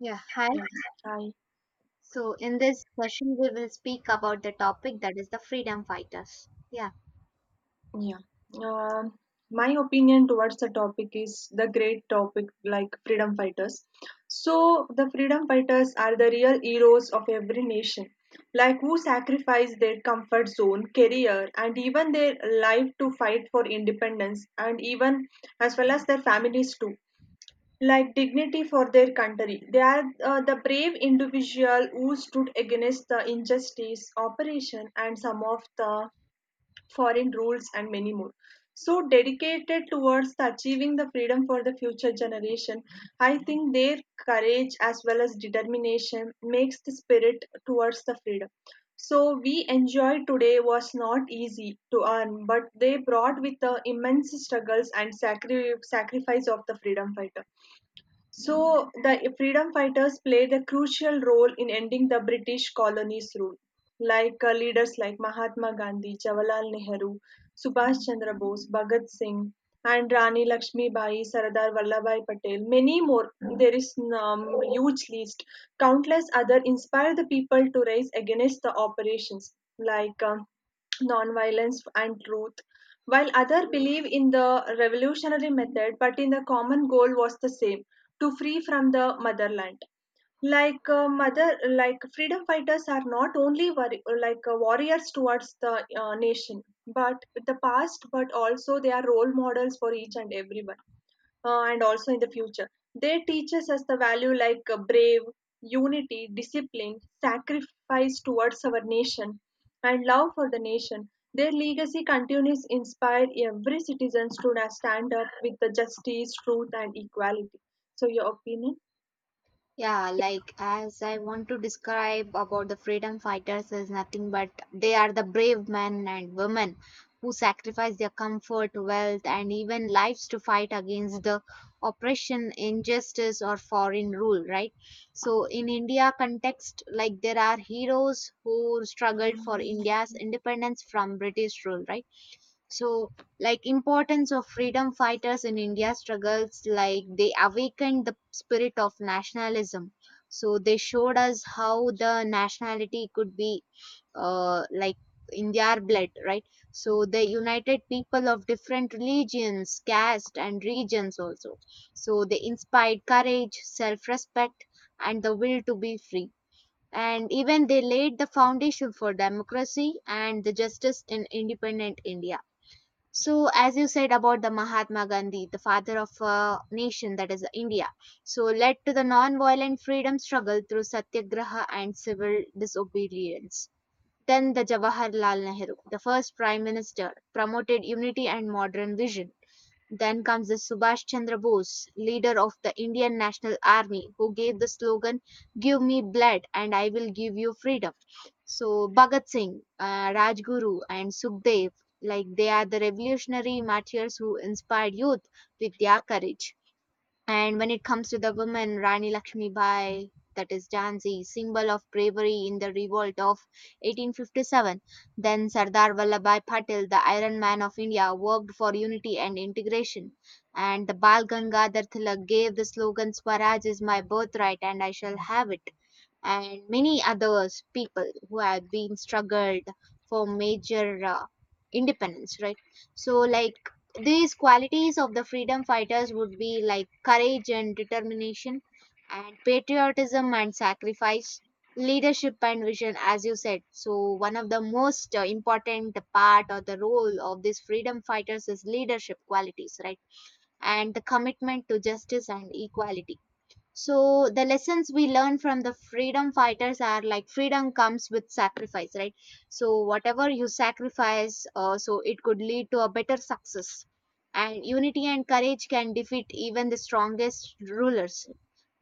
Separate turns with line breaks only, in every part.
Yeah, hi.
Yeah, I
So in this session, we will speak about the topic that is the freedom fighters. Yeah,
yeah. My opinion towards the topic is the great topic like freedom fighters. So the freedom fighters are the real heroes of every nation, like who sacrifice their comfort zone, career, and even their life to fight for independence, and even as well as their families too. Like dignity for their country. They are the brave individual who stood against the injustice, oppression, and some of the foreign rules, and many more. So dedicated towards the achieving the freedom for the future generation, I think their courage as well as determination makes the spirit towards the freedom. So we enjoy today was not easy to earn, but they brought with the immense struggles and sacrifice of the freedom fighter. So the freedom fighters played a crucial role in ending the British colonies' rule, like leaders like Mahatma Gandhi, Jawaharlal Nehru, Subhash Chandra Bose, Bhagat Singh, and Rani Lakshmi Bai, Sardar Vallabhai Patel. Many more. There is huge list. Countless other inspired the people to rise against the operations, like, nonviolence and truth, while others believe in the revolutionary method, but in the common goal was the same to free from the motherland. Like freedom fighters are not only warriors towards the nation, but the past, but also they are role models for each and everyone and also in the future. They teaches us the value like brave, unity, discipline, sacrifice towards our nation, and love for the nation. Their legacy continues to inspire every citizen to stand up with the justice, truth, and equality. So, your opinion?
yeah. Like, as I want to describe about the freedom fighters is nothing but they are the brave men and women who sacrifice their comfort, wealth, and even lives to fight against the oppression, injustice, or foreign rule. Right. So in India context, like there are heroes who struggled for India's independence from British rule. Right. So like, importance of freedom fighters in India struggles, like they awakened the spirit of nationalism. So they showed us how the nationality could be like in their blood, right? So they united people of different religions, caste, and regions also. So they inspired courage, self-respect, and the will to be free. And even they laid the foundation for democracy and the justice in independent India. So as you said about the Mahatma Gandhi, the father of a nation, that is India, so led to the non-violent freedom struggle through Satyagraha and civil disobedience. Then the Jawaharlal Nehru, the first prime minister, promoted unity and modern vision. Then comes the Subhash Chandra Bose, leader of the Indian National Army, who gave the slogan, Give me blood and I will give you freedom. So, Bhagat Singh, Rajguru, and Sukhdev, like they are the revolutionary martyrs who inspired youth with their courage. And when it comes to the women, Rani Lakshmi Bai, that is Jhansi, symbol of bravery in the revolt of 1857. Then Sardar Vallabhbhai Patel, the Iron Man of India, worked for unity and integration. And the Bal Gangadhar Tilak gave the slogan Swaraj is my birthright and I shall have it, and many others people who have been struggled for major independence, right? So like, these qualities of the freedom fighters would be like courage and determination, and patriotism and sacrifice, leadership and vision, as you said. So one of the most important part or the role of these freedom fighters is leadership qualities, right? And the commitment to justice and equality. So the lessons we learn from the freedom fighters are like, freedom comes with sacrifice, right? So whatever you sacrifice, so it could lead to a better success. And unity and courage can defeat even the strongest rulers.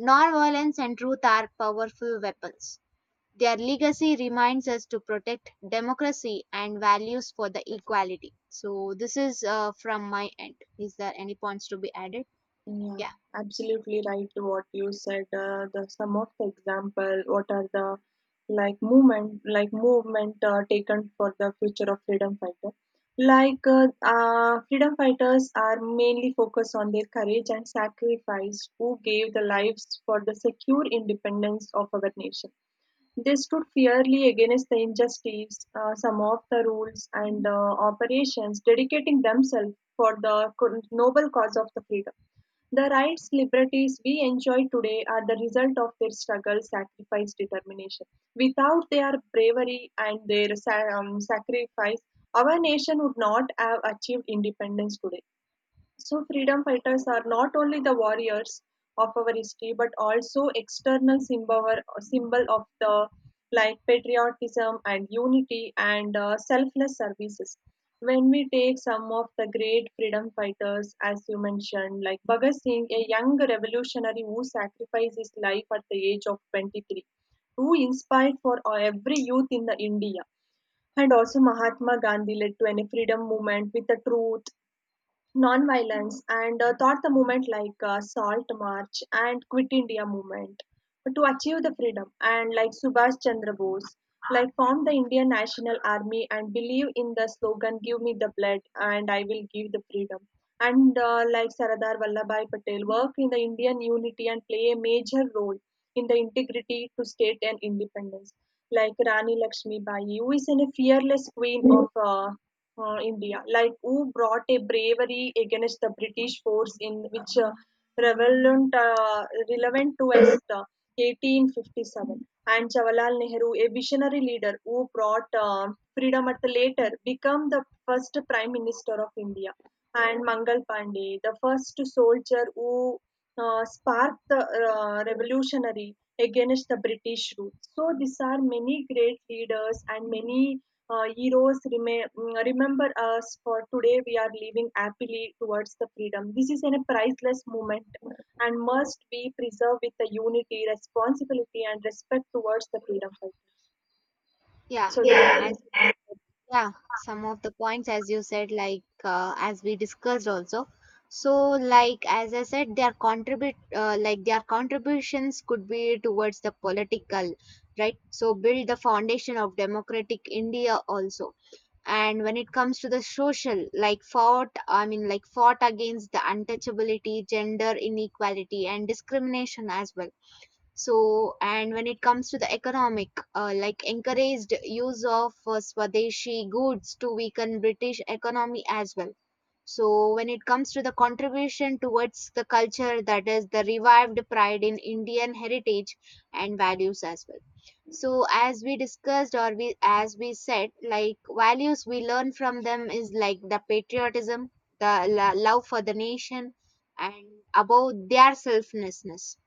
Nonviolence and truth are powerful weapons. Their legacy reminds us to protect democracy and values for the equality. So this is from my end. Is there any points to be added?
Yeah,
Yeah.
absolutely right to what you said. The some of the example, what are the like movement taken for the future of freedom fighter. Like freedom fighters are mainly focused on their courage and sacrifice, who gave the lives for the secure independence of our nation. They stood fiercely against the injustice, some of the rules and operations, dedicating themselves for the noble cause of the freedom. The rights, liberties we enjoy today are the result of their struggle, sacrifice, determination. Without their bravery and their sacrifice, our nation would not have achieved independence today. So, freedom fighters are not only the warriors of our history but also external symbol, symbol of the like patriotism and unity and selfless services. When we take some of the great freedom fighters, as you mentioned, like Bhagat Singh, a young revolutionary who sacrificed his life at the age of 23, who inspired for every youth in the India. And also Mahatma Gandhi led to a freedom movement with the truth, non-violence and taught the movement like salt march and Quit India movement to achieve the freedom. And like Subhash Chandra Bose like formed the Indian National Army and believe in the slogan, give me the blood and I will give the freedom. And like Sardar Vallabhai Patel worked in the Indian unity and play a major role in the integrity to state and independence. Like Rani Lakshmi Bai, who is in a fearless queen of India, like who brought a bravery against the British force in which relevant, uh, relevant to us 1857. And Jawaharlal Nehru, a visionary leader who brought freedom at the later, become the first prime minister of India. And Mangal Pandey, the first soldier who sparked the revolutionary against the British rule. So these are many great leaders and many uh, heroes remember us for today we are living happily towards the freedom. This is a priceless moment and must be preserved with the unity, responsibility, and respect towards the freedom fighter.
Yeah,
So Yeah.
as
that
yeah, some of the points as you said, like as we discussed also. So, like as I said, their contribute like their contributions could be towards the political, right? So build the foundation of democratic India also. And when it comes to the social, like fought, I mean, like fought against the untouchability, gender inequality, and discrimination as well. So, and when it comes to the economic, like encouraged use of Swadeshi goods to weaken British economy as well. So when it comes to the contribution towards the culture, that is the revived pride in Indian heritage and values as well. So as we discussed, or we, as we said, like values we learn from them is like the patriotism, the love for the nation, and above their selflessness.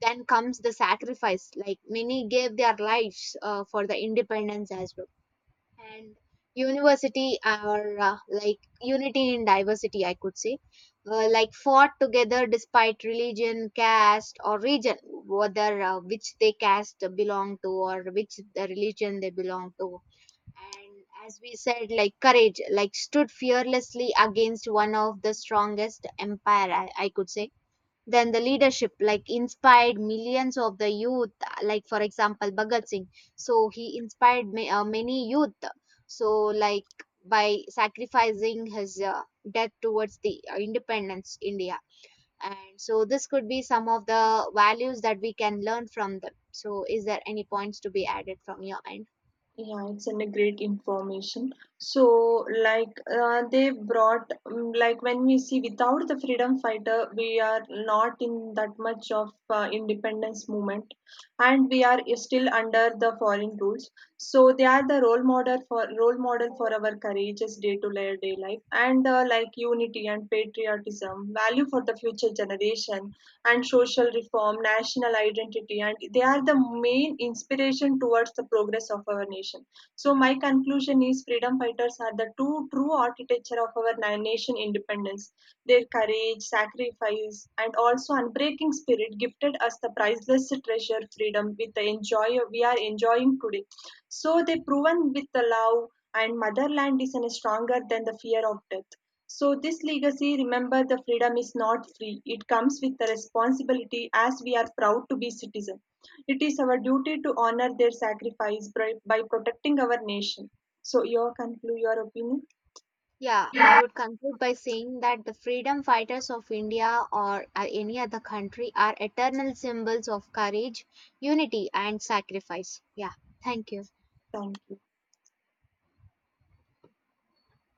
Then comes the sacrifice, like many gave their lives for the independence as well. And university are like unity in diversity, I could say. Like fought together despite religion, caste, or region, whether which they caste belong to or which the religion they belong to. And as we said, like courage, like stood fearlessly against one of the strongest empire, I could say. Then the leadership, like inspired millions of the youth, like for example Bhagat Singh. So he inspired many youth. So like, by sacrificing his death towards the independence India. And so this could be some of the values that we can learn from them. So is there any points to be added from your end?
Yeah, it's a great information. So like they brought like when we see without the freedom fighter, we are not in that much of independence movement, and we are still under the foreign rules. So they are the role model for our courageous day to day life and like unity and patriotism, value for the future generation and social reform, national identity, and they are the main inspiration towards the progress of our nation. So my conclusion is freedom fighters are the two true architecture of our nation independence. Their courage, sacrifice, and also breaking spirit gifted us the priceless treasure freedom with the enjoy we are enjoying today. So they proven with the love and motherland is an stronger than the fear of death. So this legacy remember the freedom is not free, it comes with the responsibility. As we are proud to be citizen, it is our duty to honor their sacrifice by protecting our nation. So your conclude your opinion.
Yeah, I would conclude by saying that the freedom fighters of India or any other country are eternal symbols of courage, unity, and sacrifice. Yeah, thank you.
Thank you.